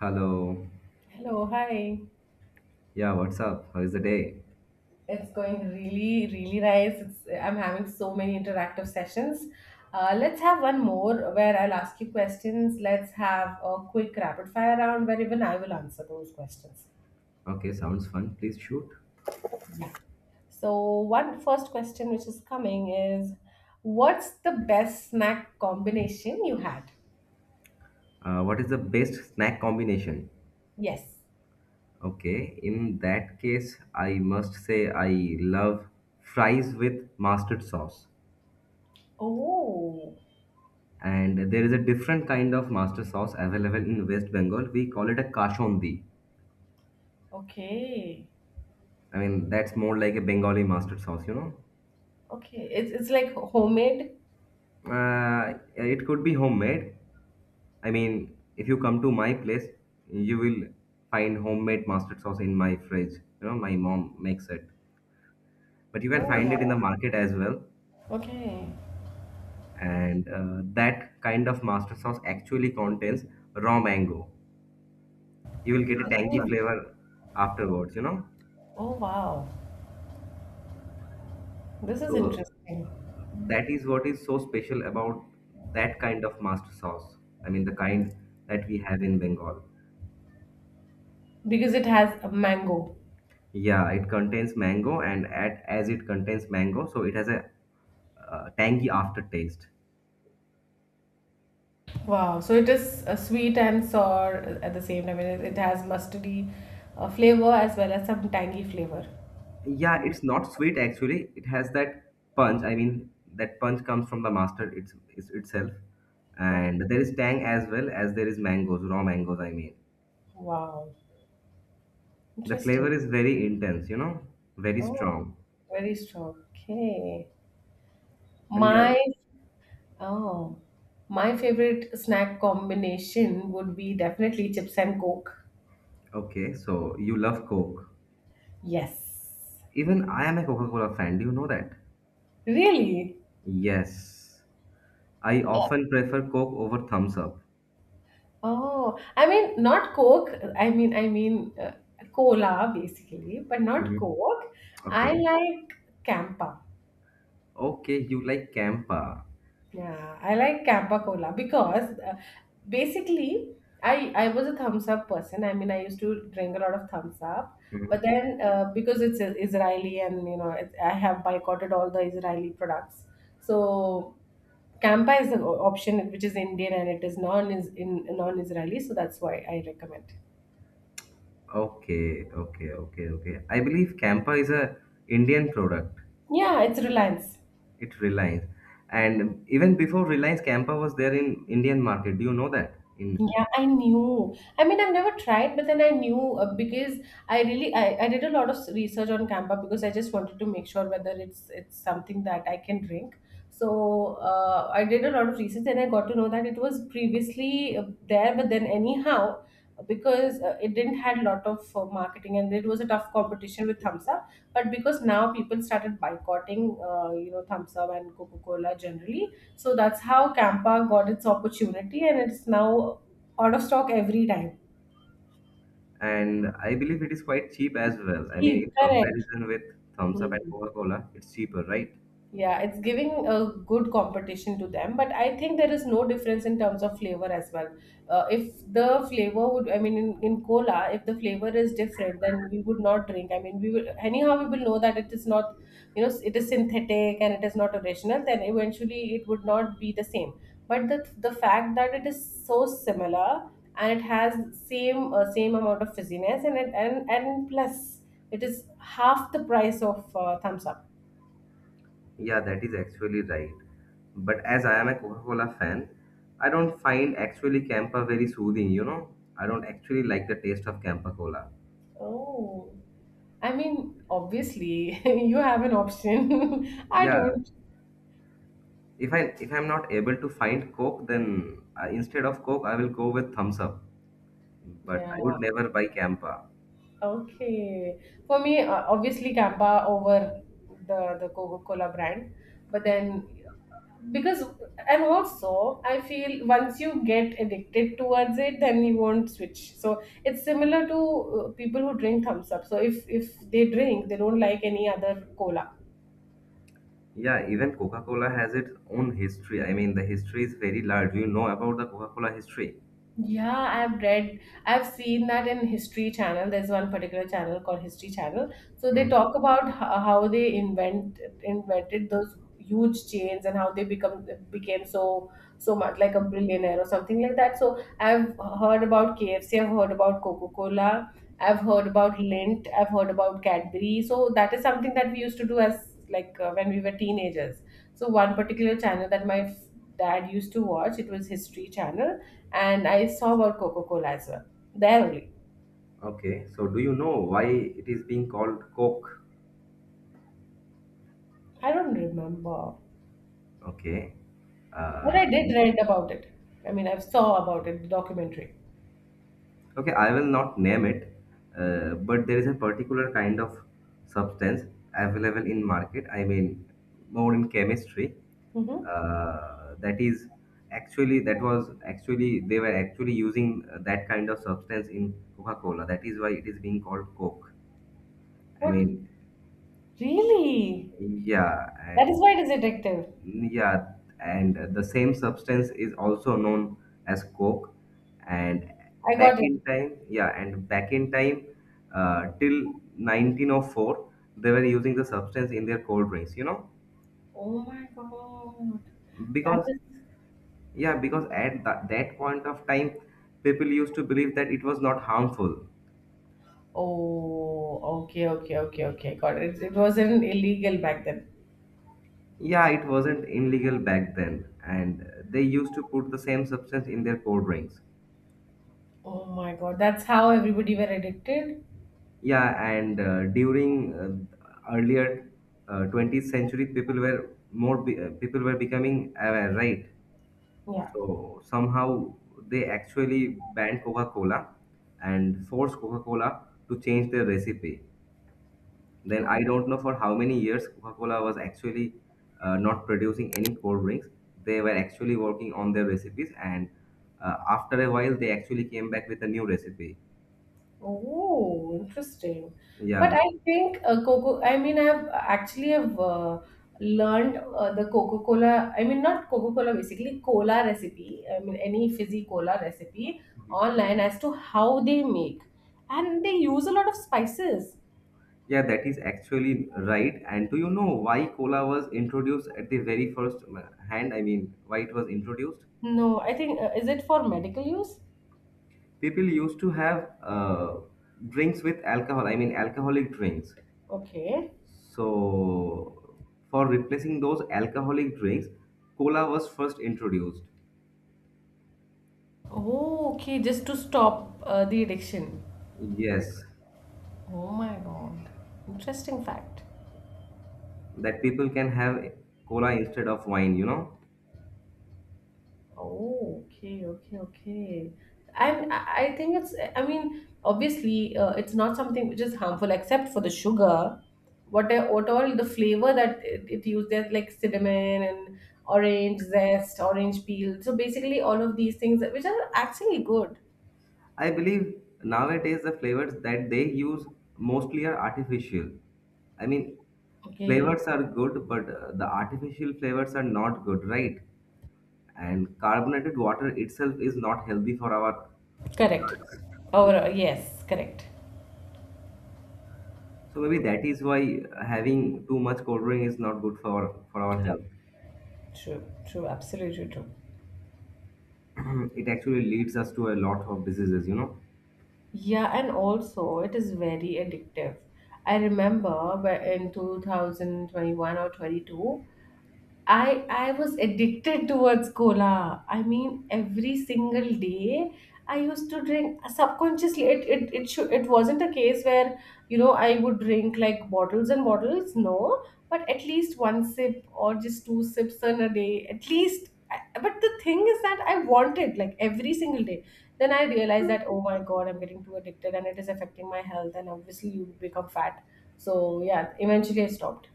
Hello. Hello, hi. Yeah, what's up? How is the day? It's going really, really nice. I'm having so many interactive sessions. Let's have one more where I'll ask you questions. Let's have a quick rapid fire round where even I will answer those questions. Okay, sounds fun. Please shoot. Yeah. So, One first question which is coming is what's the best snack combination you had? What is the best snack combination? Yes. Okay, in that case, I must say I love fries with mustard sauce. Oh, And there is a different kind of mustard sauce available in West Bengal. We call it a kashondi. okay. I mean, that's more like a Bengali mustard sauce, you know? Okay. It's like homemade. It could be homemade. I mean, if you come to my place, you will find homemade mustard sauce in my fridge. You know, my mom makes it. But you Oh, can find it in the wow. market as well. Okay. And that kind of mustard sauce actually contains raw mango. You will get a tangy flavor afterwards, you know. Oh, wow. This is So interesting that is what is so special about that kind of mustard sauce. I mean, the kind that we have in Bengal. because it has a mango. Yeah, it contains mango, and as it contains mango, so it has a tangy aftertaste. Wow, so it is sweet and sour at the same time. It has mustardy flavor as well as some tangy flavor. Yeah, it's not sweet actually. It has that punch. I mean, that punch comes from the mustard it's itself, Okay. and there is tang as well as there is mangoes, raw mangoes. I mean, Wow. the Interesting. flavor is very intense. You know, very Oh, strong. very strong. Okay. And yeah, My oh, my favorite snack combination would be definitely chips and coke. okay. So you love Coke. Yes. Even I am a Coca-Cola fan. Do you know that? Really? Yes, I often prefer Coke over Thumbs Up. Oh, I mean, not Coke. I mean, cola basically, but not Mhm. Coke. I Okay. like Campa. Okay, you like Campa. Yeah, I like Campa cola because basically, I was a thumbs up person. I mean, I used to drink a lot of thumbs up, but Mhm. then because it's Israeli and you know, it, I have boycotted all the Israeli products. So Campa is the option which is Indian and it is non is in non-Israeli, so that's why I recommend. Okay, okay, okay, okay. I believe Campa is a Indian product. Yeah, it's Reliance. It Reliance. And even before Reliance, Campa was there in Indian market. Do you know that? In Yeah, I knew. I mean, I've never tried, but then I knew because I did a lot of research on Campa because I just wanted to make sure whether it's something that I can drink. So I did a lot of research and I got to know that it was previously there, but then anyhow, because it didn't had a lot of marketing and it was a tough competition with Thumbs Up. But because now people started boycotting, you know, Thumbs Up and Coca Cola generally, so that's how Campa got its opportunity, and it's now out of stock every time. and I believe it is quite cheap as well. I mean, See, in correct. comparison with Thumbs Up Hmm. and Coca-Cola, it's cheaper, right? Yeah, it's giving a good competition to them, but I think there is no difference in terms of flavor as well. If the flavor would, I mean, in cola, if the flavor is different, then we would not drink. I mean, we will, anyhow, we will know that it is not, you know, it is synthetic and it is not original, then eventually it would not be the same. But the fact that it is so similar and it has same amount of fizziness and it and plus it is half the price of thumbs up. Yeah, that is actually right. But as I am a Coca-Cola fan, I don't find actually Campa very soothing, you know? I don't actually like the taste of Campa Cola. Oh, I mean, obviously, you have an option. I Yeah, don't. if I if I'm not able to find Coke, then instead of Coke, I will go with Thumbs Up. But Yeah. I would never buy Campa. Okay. For me, obviously, Kappa over the Coca-Cola brand, but then because and also I feel once you get addicted towards it, then you won't switch. So it's similar to people who drink Thumbs Up. So if they drink, they don't like any other cola. Yeah, even Coca-Cola has its own history. I mean, the history is very large. Do you know about the Coca-Cola history? Yeah, I've read, I've seen that in History Channel. There's one particular channel called History Channel. So they Hmm. talk about how they invented those huge chains and how they become became so so much like a billionaire or something like that. So I've heard about KFC, I've heard about Coca-Cola, I've heard about Lindt, I've heard about Cadbury. So that is something that we used to do as like when we were teenagers. So one particular channel that my dad used to watch, it was History Channel and I saw about Coca Cola as well. There only. Okay, so do you know why it is being called Coke? I don't remember, Okay. but I Uh, did read about it. I mean, I saw about it, the documentary. okay, I will not name it, but there is a particular kind of substance available in market. I mean, more in chemistry, Hmm. That is actually that was actually they were actually using that kind of substance in coca-cola, that is why it is being called coke. i What? mean Really? yeah That is and why it is addictive. yeah, and the same substance is also known as coke, and I back got it. in time. Till 1904 they were using the substance in their cold drinks, you know, Oh my god. That because is. yeah, because at that point of time, people used to believe that it was not harmful. Oh, okay, okay, okay, okay. Got it. It wasn't illegal back then. Yeah, it wasn't illegal back then, and they used to put the same substance in their cold drinks. Oh my god. That's how everybody were addicted? Yeah, and during earlier 20th century, people were becoming aware, right? Yeah. So somehow they actually banned Coca-Cola and forced Coca-Cola to change their recipe. Then I don't know for how many years Coca-Cola was actually not producing any cold drinks. They were actually working on their recipes, and after a while, they actually came back with a new recipe. Oh, interesting. But Yeah, I think Coco, I mean, I've actually have learned the Coca-Cola, I mean, not Coca-Cola, basically cola recipe. I mean, any fizzy cola recipe online as to how they make. And they use a lot of spices. yeah, that is actually right. And do you know why cola was introduced at the very first hand? I mean, why it was introduced? No, I think, is it for medical use? People used to have drinks with alcohol. I mean, alcoholic drinks. Okay. So, for replacing those alcoholic drinks, cola was first introduced. Oh, okay, just to stop the addiction. Yes, Oh my God. Interesting fact. that people can have cola instead of wine, you know. Oh, okay, okay, okay. I I think it's, I mean, obviously, it's not something which is harmful except for the sugar. What, what all the flavor that it uses, like cinnamon and orange zest, orange peel. So basically, all of these things, which are actually good. I believe nowadays the flavors that they use mostly are artificial. I mean, Okay. flavors are good, but the artificial flavors are not good, right? And carbonated water itself is not healthy for our Correct. guts. Or, yes, correct. So maybe that is why having too much cold drink is not good for our True, health. true, true, absolutely true. It actually leads us to a lot of diseases, you know. Yeah, and also it is very addictive. I remember in 2021 or 22, I was addicted towards cola. I mean, every single day I used to drink subconsciously. It wasn't a case where you know I would drink like bottles and bottles. No, but at least one sip or just two sips on a day. At least. I- But the thing is that I wanted like every single day. Then I realized that oh my god, I'm getting too addicted and it is affecting my health. And obviously, you become fat. So yeah, eventually I stopped.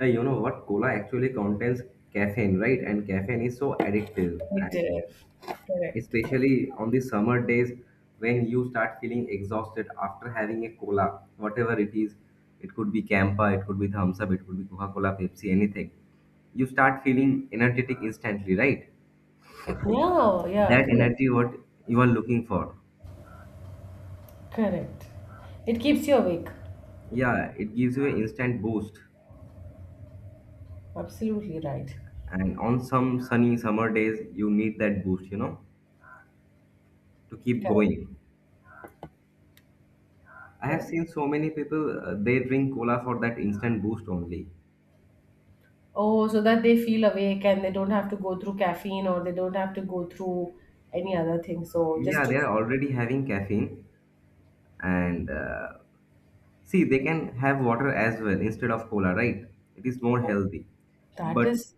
You know what? Cola actually contains caffeine, right? And caffeine is so addictive, and Addictive. Correct. especially on the summer days when you start feeling exhausted after having a cola, whatever it is. It could be Campa, it could be Thumbs Up, it could be Coca Cola, Pepsi, anything. You start feeling energetic instantly, right? Yeah, yeah, That correct. energy what you are looking for. Correct. It keeps you awake. Yeah, it gives you an instant boost. Absolutely right. And on some sunny summer days, you need that boost, you know, to keep Correct, going. I have correct. seen so many people, they drink cola for that instant boost only. Oh, so that they feel awake and they don't have to go through caffeine or they don't have to go through any other thing. So just Yeah, to, they are already having caffeine. And see, they can have water as well instead of cola, right? It is more healthy. that But is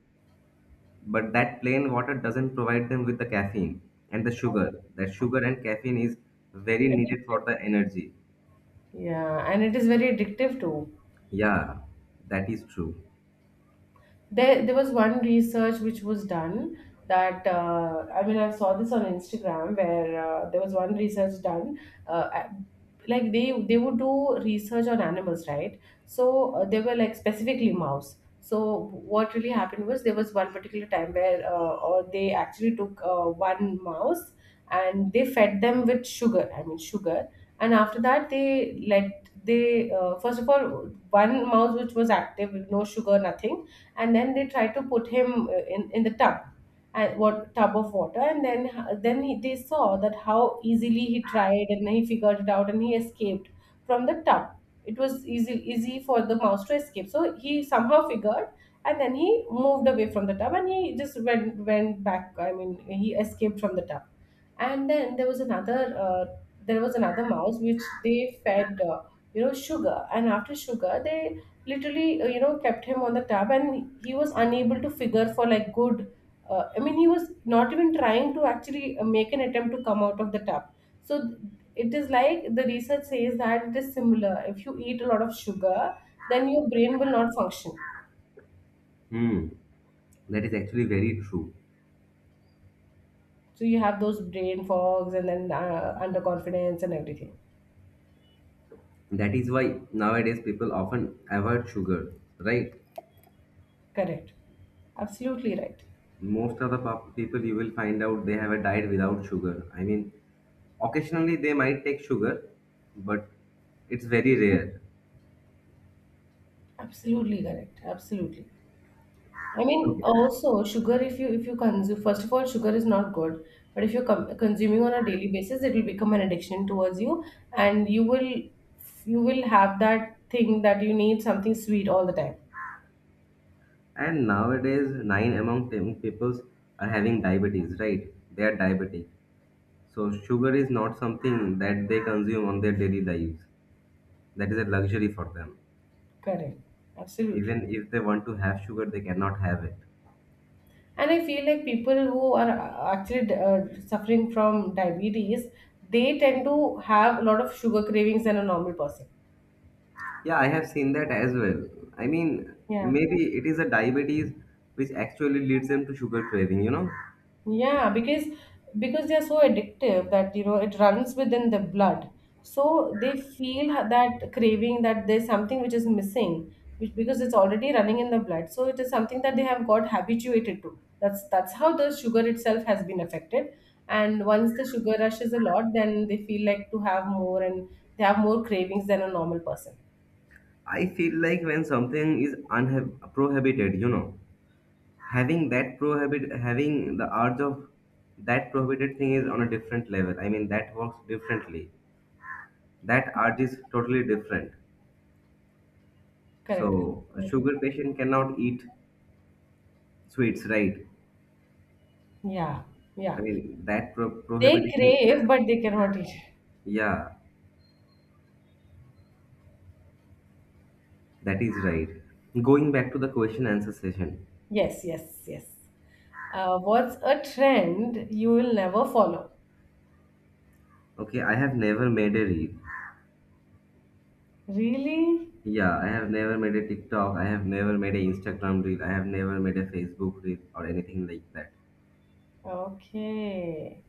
that plain water doesn't provide them with the caffeine and the sugar. That sugar and caffeine is very needed addictive. for the energy. Yeah, and it is very addictive too. Yeah, that is true. There was one research which was done that I mean I saw this on instagram where there was one research done uh, I- like they would do research on animals right so they were like specifically mouse so what really happened was there was one particular time where or they actually took one mouse and they fed them with sugar I mean sugar and after that they let they first of all one mouse which was active with no sugar nothing and then they tried to put him in the tub and what tub of water and then he, they saw that how easily he tried and he figured it out and he escaped from the tub. It was easy for the mouse to escape so he somehow figured and then he moved away from the tub and he just went back I mean he escaped from the tub and then there was another mouse which they fed you know sugar and after sugar they literally you know kept him on the tab and he was unable to figure for like good I mean he was not even trying to actually make an attempt to come out of the tab so it is like the research says that it is similar if you eat a lot of sugar then your brain will not function Hmm, that is actually very true. so you have those brain fogs and then underconfidence and everything. That is why nowadays people often avoid sugar, right? Correct. Absolutely right. Most of the people you will find out they have a diet without sugar. I mean, occasionally they might take sugar, but it's very rare. Absolutely correct. Absolutely. I mean, Okay. also sugar. If you consume, first of all, sugar is not good. But if you're consuming on a daily basis, it will become an addiction towards you, and you will have that thing that you need something sweet all the time. And nowadays, nine among ten peoples are having diabetes, right? They are diabetic. So sugar is not something that they consume on their daily lives. That is a luxury for them. Correct. Absolutely. Even if they want to have sugar, they cannot have it. And I feel like people who are actually suffering from diabetes, they tend to have a lot of sugar cravings than a normal person. Yeah, I have seen that as well. I mean, Yeah. maybe it is a diabetes which actually leads them to sugar craving, you know. Yeah, because they are so addictive that you know it runs within the blood. So they feel that craving that there's something which is missing, which because it's already running in the blood. So it is something that they have got habituated to. That's how the sugar itself has been affected. And once the sugar rush is a lot, then they feel like to have more and they have more cravings than a normal person. I feel like when something is prohibited, you know, having the urge of that prohibited thing is on a different level. I mean, that works differently. That urge is totally different. Correct. So, a Absolutely. sugar patient cannot eat sweets, right? Yeah, I yeah. mean, that They prohibited. crave, but they cannot eat. Yeah, that is right. Going back to the question answer session. Yes, yes, yes. What's a trend you will never follow? Okay, I have never made a reel. Really? Yeah, I have never made a TikTok. I have never made a Instagram reel. I have never made a Facebook reel or anything like that. Okay.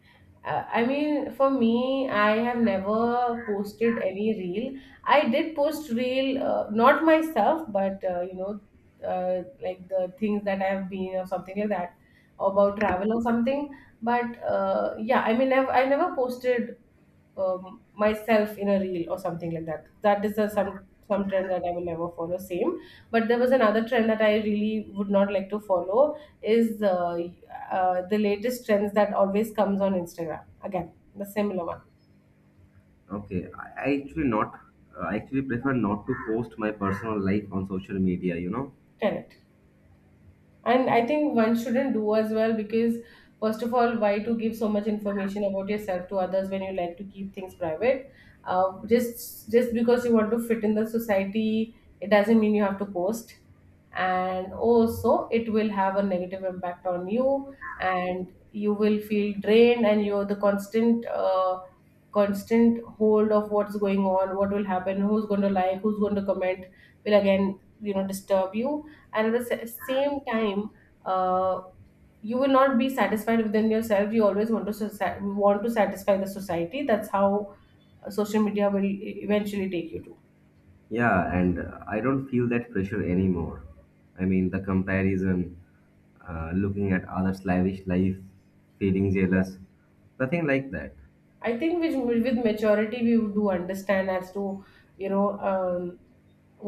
I mean, for me, I have never posted any reel. I did post reel, not myself, but you know, like the things that I have been or something like that, about travel or something. But yeah, I mean, I never posted myself in a reel or something like that. That is the some trend that I will never follow. Same, but there was another trend that I really would not like to follow is the latest trends that always comes on Instagram. Again, the similar one. Okay, I actually prefer not to post my personal life on social media. You know. Tell it. And I think one shouldn't do as well because, first of all, why to give so much information about yourself to others when you like to keep things private? Just because you want to fit in the society, it doesn't mean you have to post. And also, it will have a negative impact on you, and you will feel drained, and you're the constant hold of what's going on, what will happen, who's going to like, who's going to comment will again, disturb you, and at the same time, uh, you will not be satisfied within yourself. You always want to want to satisfy the society. That's how, social media will eventually take you to. Yeah, and I don't feel that pressure anymore. I mean, the comparison, looking at others' lavish life, feeling jealous, nothing like that. I think with maturity, we do understand as to, you know um,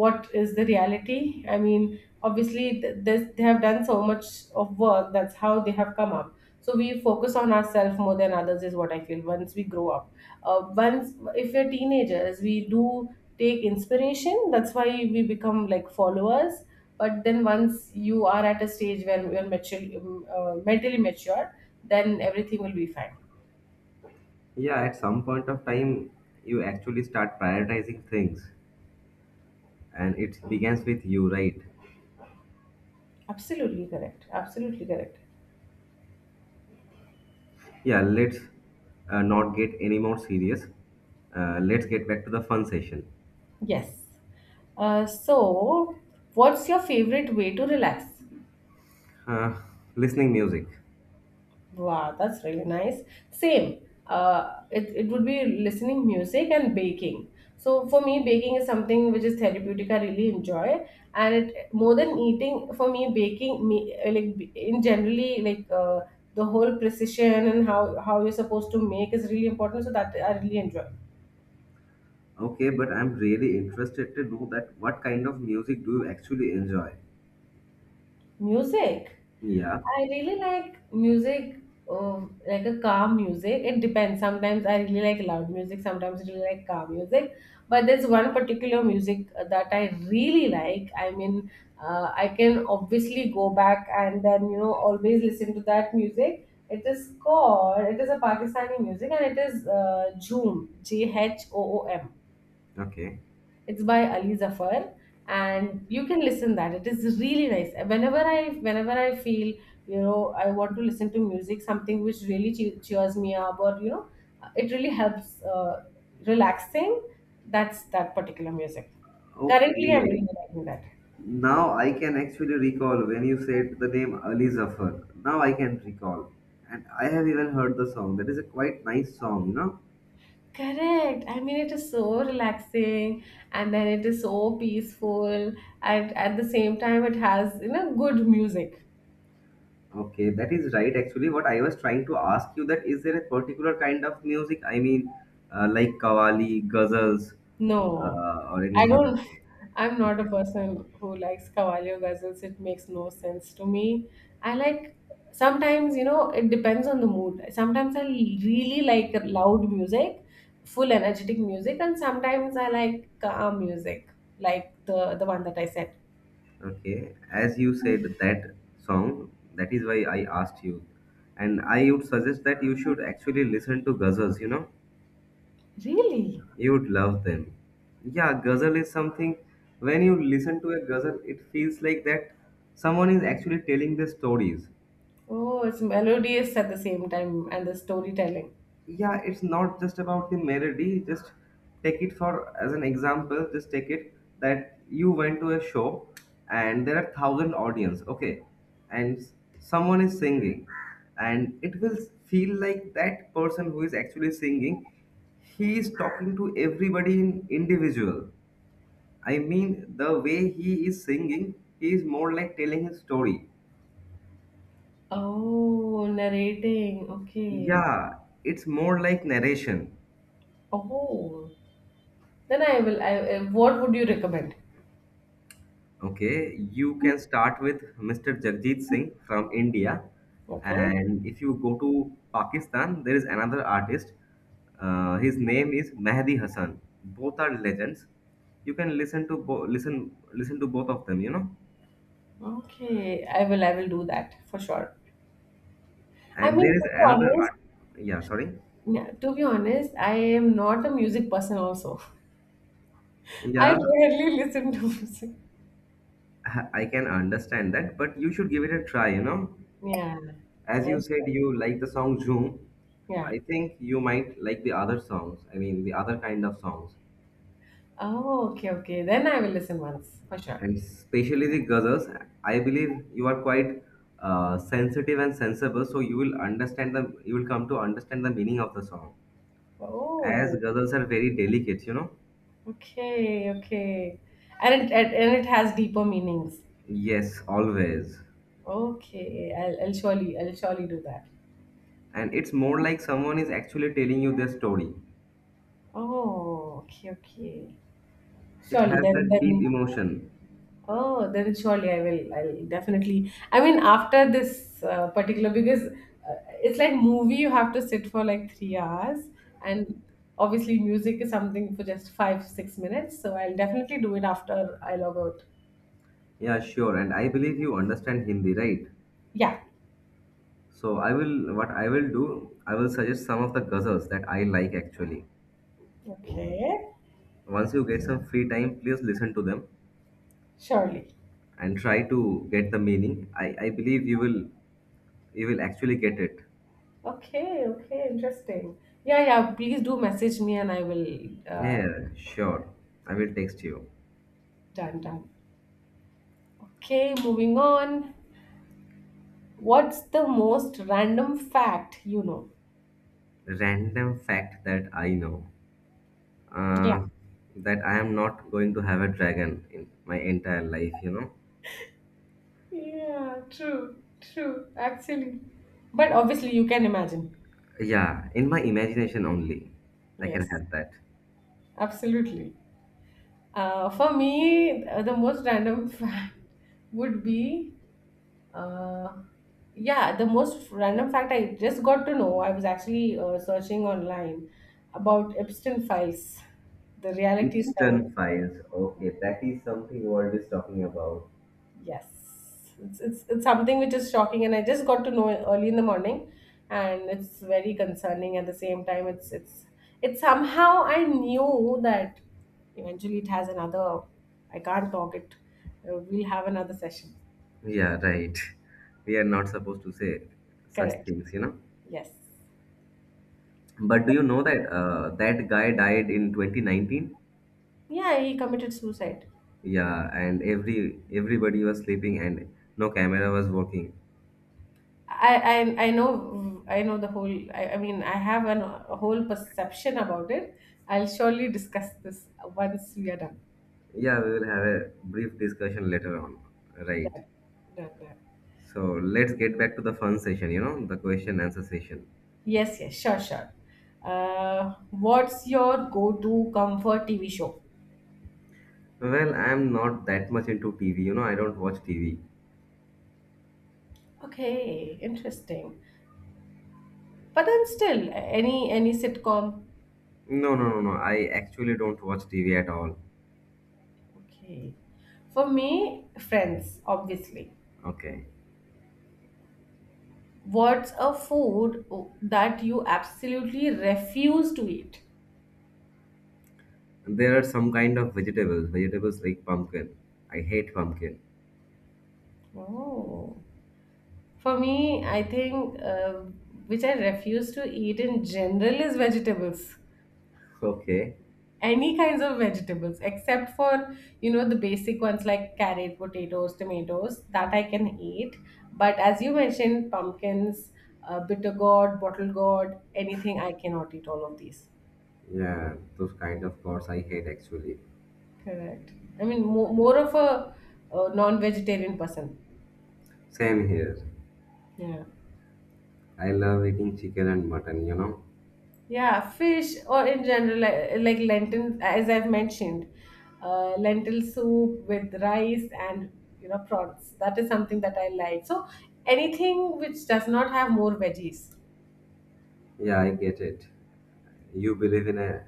what is the reality. I mean, obviously, they have done so much of work. That's how they have come up. So we focus on ourselves more than others is what I feel once we grow up. Once, if we're teenagers, we do take inspiration. That's why we become like followers. But then, once you are at a stage where you're mature, mentally mature, then everything will be fine. Yeah, at some point of time, you actually start prioritizing things. And it begins with you, right? Absolutely correct, absolutely correct. Yeah, let's not get any more serious. Let's get back to the fun session. Yes. Uh, so, what's your favorite way to relax? Uh, listening music. Wow, that's really nice. Same. It would be listening music and baking. So for me, baking is something which is therapeutic. I really enjoy, and it more than eating. For me, baking me, in generally, the whole precision and how you're supposed to make is really important. So that I really enjoy. Okay, but I'm really interested to know that what kind of music do you actually enjoy? Music. Yeah. I really like music, like a calm music. It depends. Sometimes I really like loud music, sometimes I really like calm music. But there's one particular music that I really like. I mean, I can obviously go back and then, you know, always listen to that music. It is called, it is a Pakistani music, and it is Jhoom, J H O O M. Okay. It's by Ali Zafar, and you can listen that it is really nice whenever I feel, you know I want to listen to music, something which really cheers me up, or it really helps, relaxing. That's that particular music. Currently, I'm Okay. really liking that. Now I can actually recall when you said the name Ali Zafar. Now I can recall. And I have even heard the song. That is a quite nice song, you know? Correct. I mean, it is so relaxing, and then it is so peaceful, and at the same time, it has, you know, good music. Okay, that is right. Actually, what I was trying to ask you that is there a particular kind of music? I mean, like kawali, ghazals, No, or I anything. don't. Okay, I'm not a okay, person who likes Cavalier ghazals. It makes no sense to me. I like sometimes, you know, it depends on the mood. Sometimes I really like loud music, full energetic music, and sometimes I like calm music, like the one that I said. okay. As you said that song, that is why I asked you, and I would suggest that you should actually listen to ghazals. You know, Really? you would love them. Yeah, ghazal is something. When you listen to a ghazal, it feels like that someone is actually telling the stories. Oh, it's melodious at the same time and the storytelling. Yeah it's not just about the melody. Just take it for as an example, just take it that you went to a show and there are thousand audience, okay, and someone is singing, and it will feel like that person who is actually singing, he is talking to everybody in individual. I mean the way he is singing, he is more like telling his story. Oh, narrating. Okay. Yeah, it's more like narration. Oh, then I will. What would you recommend? Okay, you can start with Mr. Jagjit Singh from India. Okay. And if you go to Pakistan, there is another artist. His name is Mehdi Hassan. Both are legends. You can listen to listen to both of them, you know. Okay. I will do that for sure. I And there mean, to is be another honest, art. Yeah, sorry. yeah, to be honest, I am not a music person also. I Yeah, rarely listen to music. I can understand that, but you should give it a try, you know. Yeah. As I- you said, you like the song Zoom. Yeah. I think you might like the other songs. I mean, the other kind of songs. Oh, okay, okay. Then I will listen once for sure. And especially the guzzles, I believe you are quite sensitive and sensible, so you will understand the you will come to understand the meaning of the song, as Oh, guzzles are very delicate, you know. okay, okay. And it has deeper meanings. Yes, always. Okay, I'll surely do that. And it's more like someone is actually telling you their story. Oh, okay, okay. It Surely has then that deep then emotion. oh, then surely I will. I'll definitely. I mean, after this particular, because it's like movie, you have to sit for like 3 hours, and obviously music is something for just five, 6 minutes. So I'll definitely do it after I log out. Yeah, sure, and I believe you understand Hindi, right? Yeah. So I will, what I will do, I will suggest some of the ghazals that I like actually. Okay. Once you get some free time, please listen to them Surely. and try to get the meaning. I believe you will, you will actually get it. Okay. Okay. Interesting. Yeah. Yeah. Please do message me, and I will. Yeah, sure. I will text you. Done. Done. Okay. Moving on. What's the most random fact you know? Random fact that I know. Uh, that I am not going to have a dragon in my entire life, you know? Yeah, true, true, actually. But obviously, you can imagine. Yeah, in my imagination only. I can Yes, have that. absolutely. For me, the most random fact would be, uh, yeah, the most random fact I just got to know. I was actually searching online about Epstein files. The reality is coming. Epstein files. Okay, that is something world is talking about. Yes, it's something which is shocking, and I just got to know early in the morning, and it's very concerning. At the same time, it's somehow I knew that eventually it has another. I can't talk it. We'll have another session. Yeah, right. We are not supposed to say such Correct. things, you know? Yes. But do you know that that guy died in 2019? Yeah, he committed suicide. Yeah, and everybody was sleeping and no camera was working. I know the whole. I mean, I have a whole perception about it. I'll surely discuss this once we are done. Yeah, we will have a brief discussion later on. Right. Done. Done. Done. So let's get back to the fun session, you know, the question answer session. Yes, yes, sure, sure. What's your go-to comfort TV show? Well, I'm not that much into TV, you know, I don't watch TV. Okay, interesting. But then still, any sitcom? No, no, no, no. I actually don't watch TV at all. Okay. For me, Friends, obviously. Okay. What's a food that you absolutely refuse to eat? There are some kind of vegetables like pumpkin. I hate pumpkin. Oh. For me, I think which I refuse to eat in general is vegetables. Okay. Any kinds of vegetables except for, you know, the basic ones like carrot, potatoes, tomatoes that I can eat. But as you mentioned, pumpkins, bitter gourd, bottle gourd, anything, I cannot eat all of these. Yeah, those kind of gods I hate actually. Correct. I mean, more of a, non-vegetarian person. Same here. Yeah. I love eating chicken and mutton, you know? Yeah, fish or in general, like lentil, as I've mentioned, lentil soup with rice and, you know, prawns. That is something that I like. So anything which does not have more veggies. Yeah, I get it. You believe in a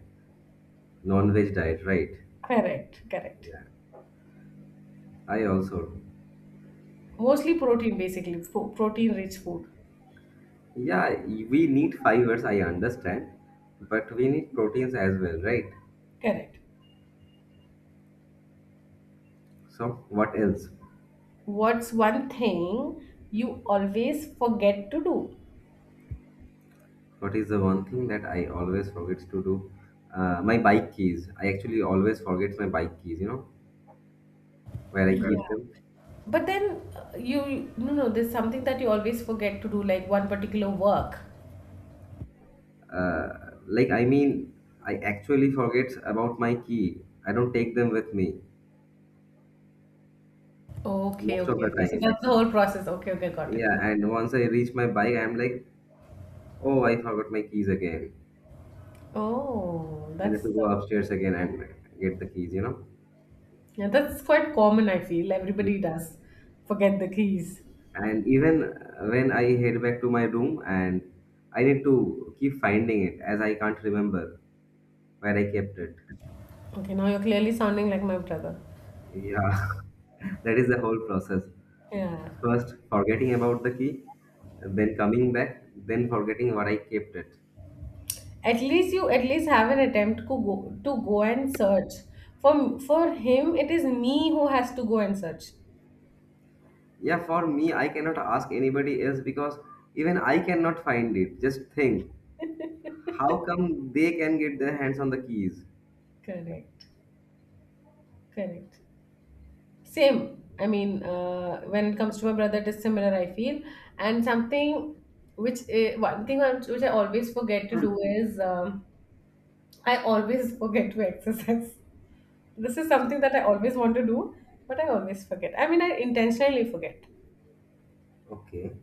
non veg diet, right? Correct, correct. Yeah, I also. Mostly protein, basically, protein-rich food. Yeah, we need fibers, I understand. But we need proteins as well, right? Correct. So, what else? What's one thing you always forget to do? What is the one thing that I always forget to do? My bike keys. I actually always forget my bike keys, you know, where I Yeah. keep them. But then, you no, no, there's something that you always forget to do, like one particular work. Uh, Like, I mean, I actually forget about my key. I don't take them with me Okay, most of okay, the okay. So time. that's the whole process. Okay, okay, got it. Yeah, and once I reach my bike, I'm like, oh, I forgot my keys again. Oh, I need that's to go upstairs again and get the keys, you know? yeah, that's quite common, I feel. Yeah. Everybody does forget the keys. And even when I head back to my room and I need to keep finding it as I can't remember where I kept it. Okay, now you're clearly sounding like my brother. Yeah, that is the whole process. Yeah. First, forgetting about the key, then coming back, then forgetting what I kept it. At least you at least have an attempt to go and search. For him, it is me who has to go and search. Yeah, for me, I cannot ask anybody else because even I cannot find it. Just think, how come they can get their hands on the keys? Correct. Correct. Same. I mean, when it comes to my brother, it is similar, I feel. And something which, I one thing I'm- which I always forget to do is, I always forget to exercise. This is So, something that I always want to do, but I always forget. I mean, I intentionally forget. okay,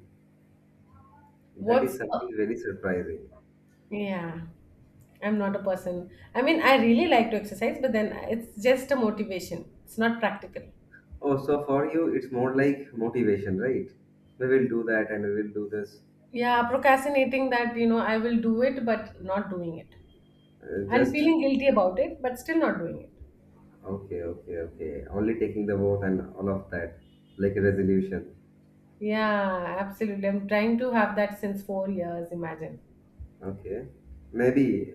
that What's is something very surprising. yeah, I'm not a person. I mean, I really like to exercise, but then it's just a motivation, it's not practical. Oh, so for you, it's more like motivation, right? We will do that and we will do this. Yeah, procrastinating that, you know, I will do it, but not doing it. And Just feeling guilty about it, but still not doing it. okay, okay, okay. Only taking the vote and all of that, like a resolution. Yeah, absolutely. I'm trying to have that since 4 years, imagine. Okay, maybe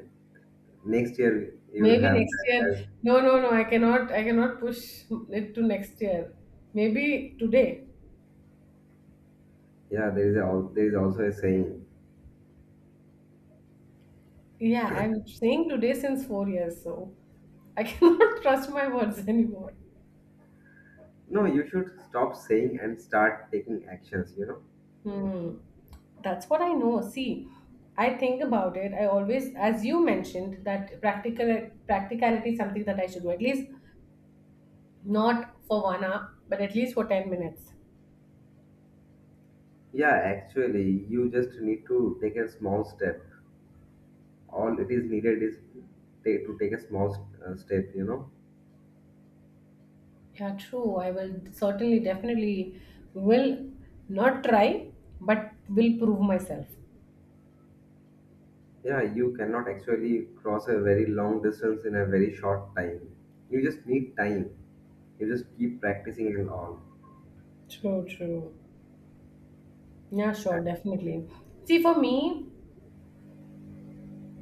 next year you will Maybe have next that year. as, No, no, no, I cannot push it to next year. Maybe today. yeah there is a, there is also a saying. Yeah, I'm saying today since 4 years, so I cannot trust my words anymore. No, you should stop saying and start taking actions, you know. Hmm. That's what I know. See, I think about it. I always, as you mentioned, that practicality is something that I should do. At least not for 1 hour, but at least for 10 minutes. Yeah, actually you just need to take a small step. All it is needed is to take a small step, you know. Yeah, true. I will certainly, definitely will not try, but will prove myself. Yeah, you cannot actually cross a very long distance in a very short time. You just need time, you just keep practicing and all. True, true. Yeah, sure, definitely. See, for me,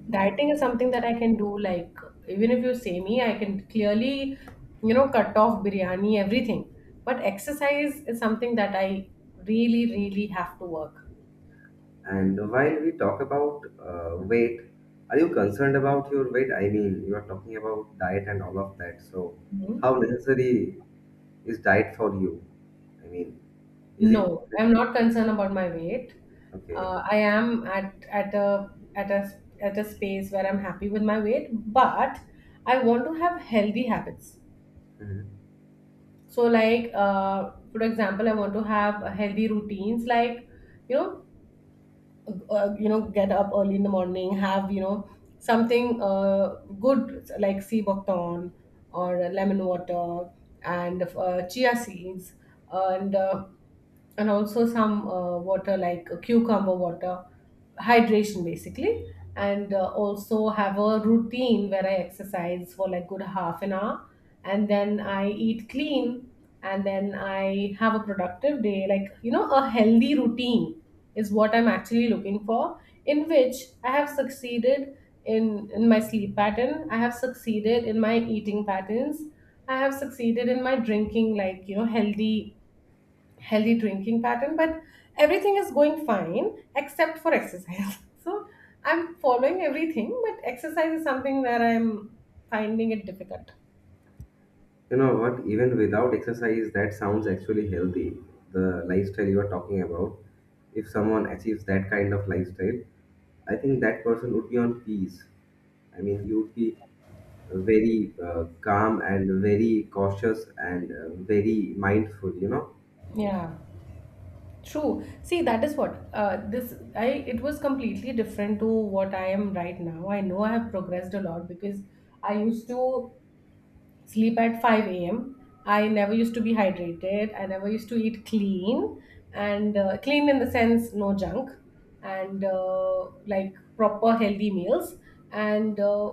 dieting is something that I can do. Like, even if you say me, I can clearly, you know, cut off biryani, everything. But exercise is something that I really, really have to work. And while we talk about weight, are you concerned about your weight? I mean, you are talking about diet and all of that. So, Mhm. how necessary is diet for you? I mean, is it No, I'm not concerned about my weight. okay? I am at a space where I'm happy with my weight, but I want to have healthy habits. Mhm. So, like for example, I want to have healthy routines, like, you know, get up early in the morning, have, you know, something good like sea buckthorn or lemon water, and chia seeds, and also some water like cucumber water, hydration basically, and also have a routine where I exercise for like good half an hour, and then I eat clean, and then I have a productive day, like, you know, a healthy routine is what I'm actually looking for, in which I have succeeded. In my sleep pattern I have succeeded, in my eating patterns I have succeeded, in my drinking, like, you know, healthy drinking pattern. But everything is going fine except for exercise so I'm following everything, but exercise is something where I'm finding it difficult. You know what? Even without exercise, that sounds actually healthy. The lifestyle you are talking about, if someone achieves that kind of lifestyle, I think that person would be on peace. I mean, he would be very calm and very cautious and very mindful, you know. Yeah, true. See, that is what, this I it was completely different to what I am right now. I know I have progressed a lot, because I used to sleep at 5 a.m. I never used to be hydrated. I never used to eat clean, and clean in the sense no junk, and like proper healthy meals. And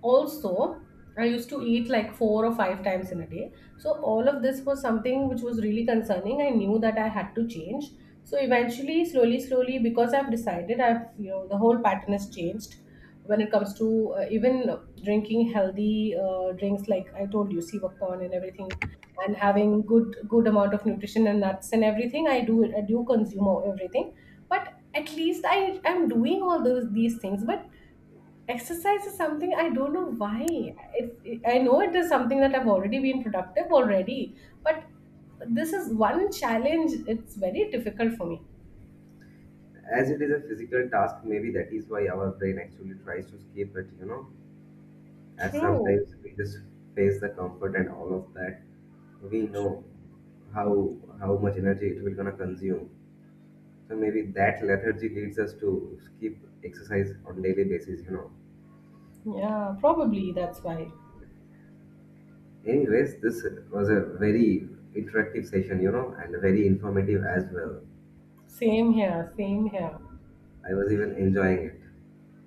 also, I used to eat like four or five times in a day. So, all of this was something which was really concerning. I knew that I had to change. So, eventually, slowly, slowly, because I've decided, I've, you know, the whole pattern has changed, when it comes to, even drinking healthy, drinks, like I told you, sivakpon and everything, and having good amount of nutrition and nuts and everything. I do consume everything. But at least I am doing all those these things. But exercise is something, I don't know why I know it is something that I've already been productive already. But this is one challenge, it's very difficult for me. As it is a physical task, maybe that is why our brain actually tries to escape it, you know, as True. sometimes we just face the comfort and all of that. We know how how much energy it will gonna consume, so maybe that lethargy leads us to skip exercise on daily basis, you know. Yeah, probably that's why. Anyways, this was a very interactive session, you know, and very informative as well. Same here, same here. I was even enjoying it.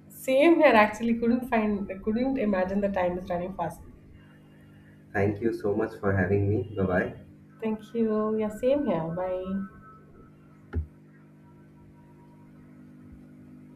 Same here, actually. Couldn't find, couldn't imagine the time is running fast. Thank you so much for having me. Bye bye. Thank you. Yeah, same here. Bye.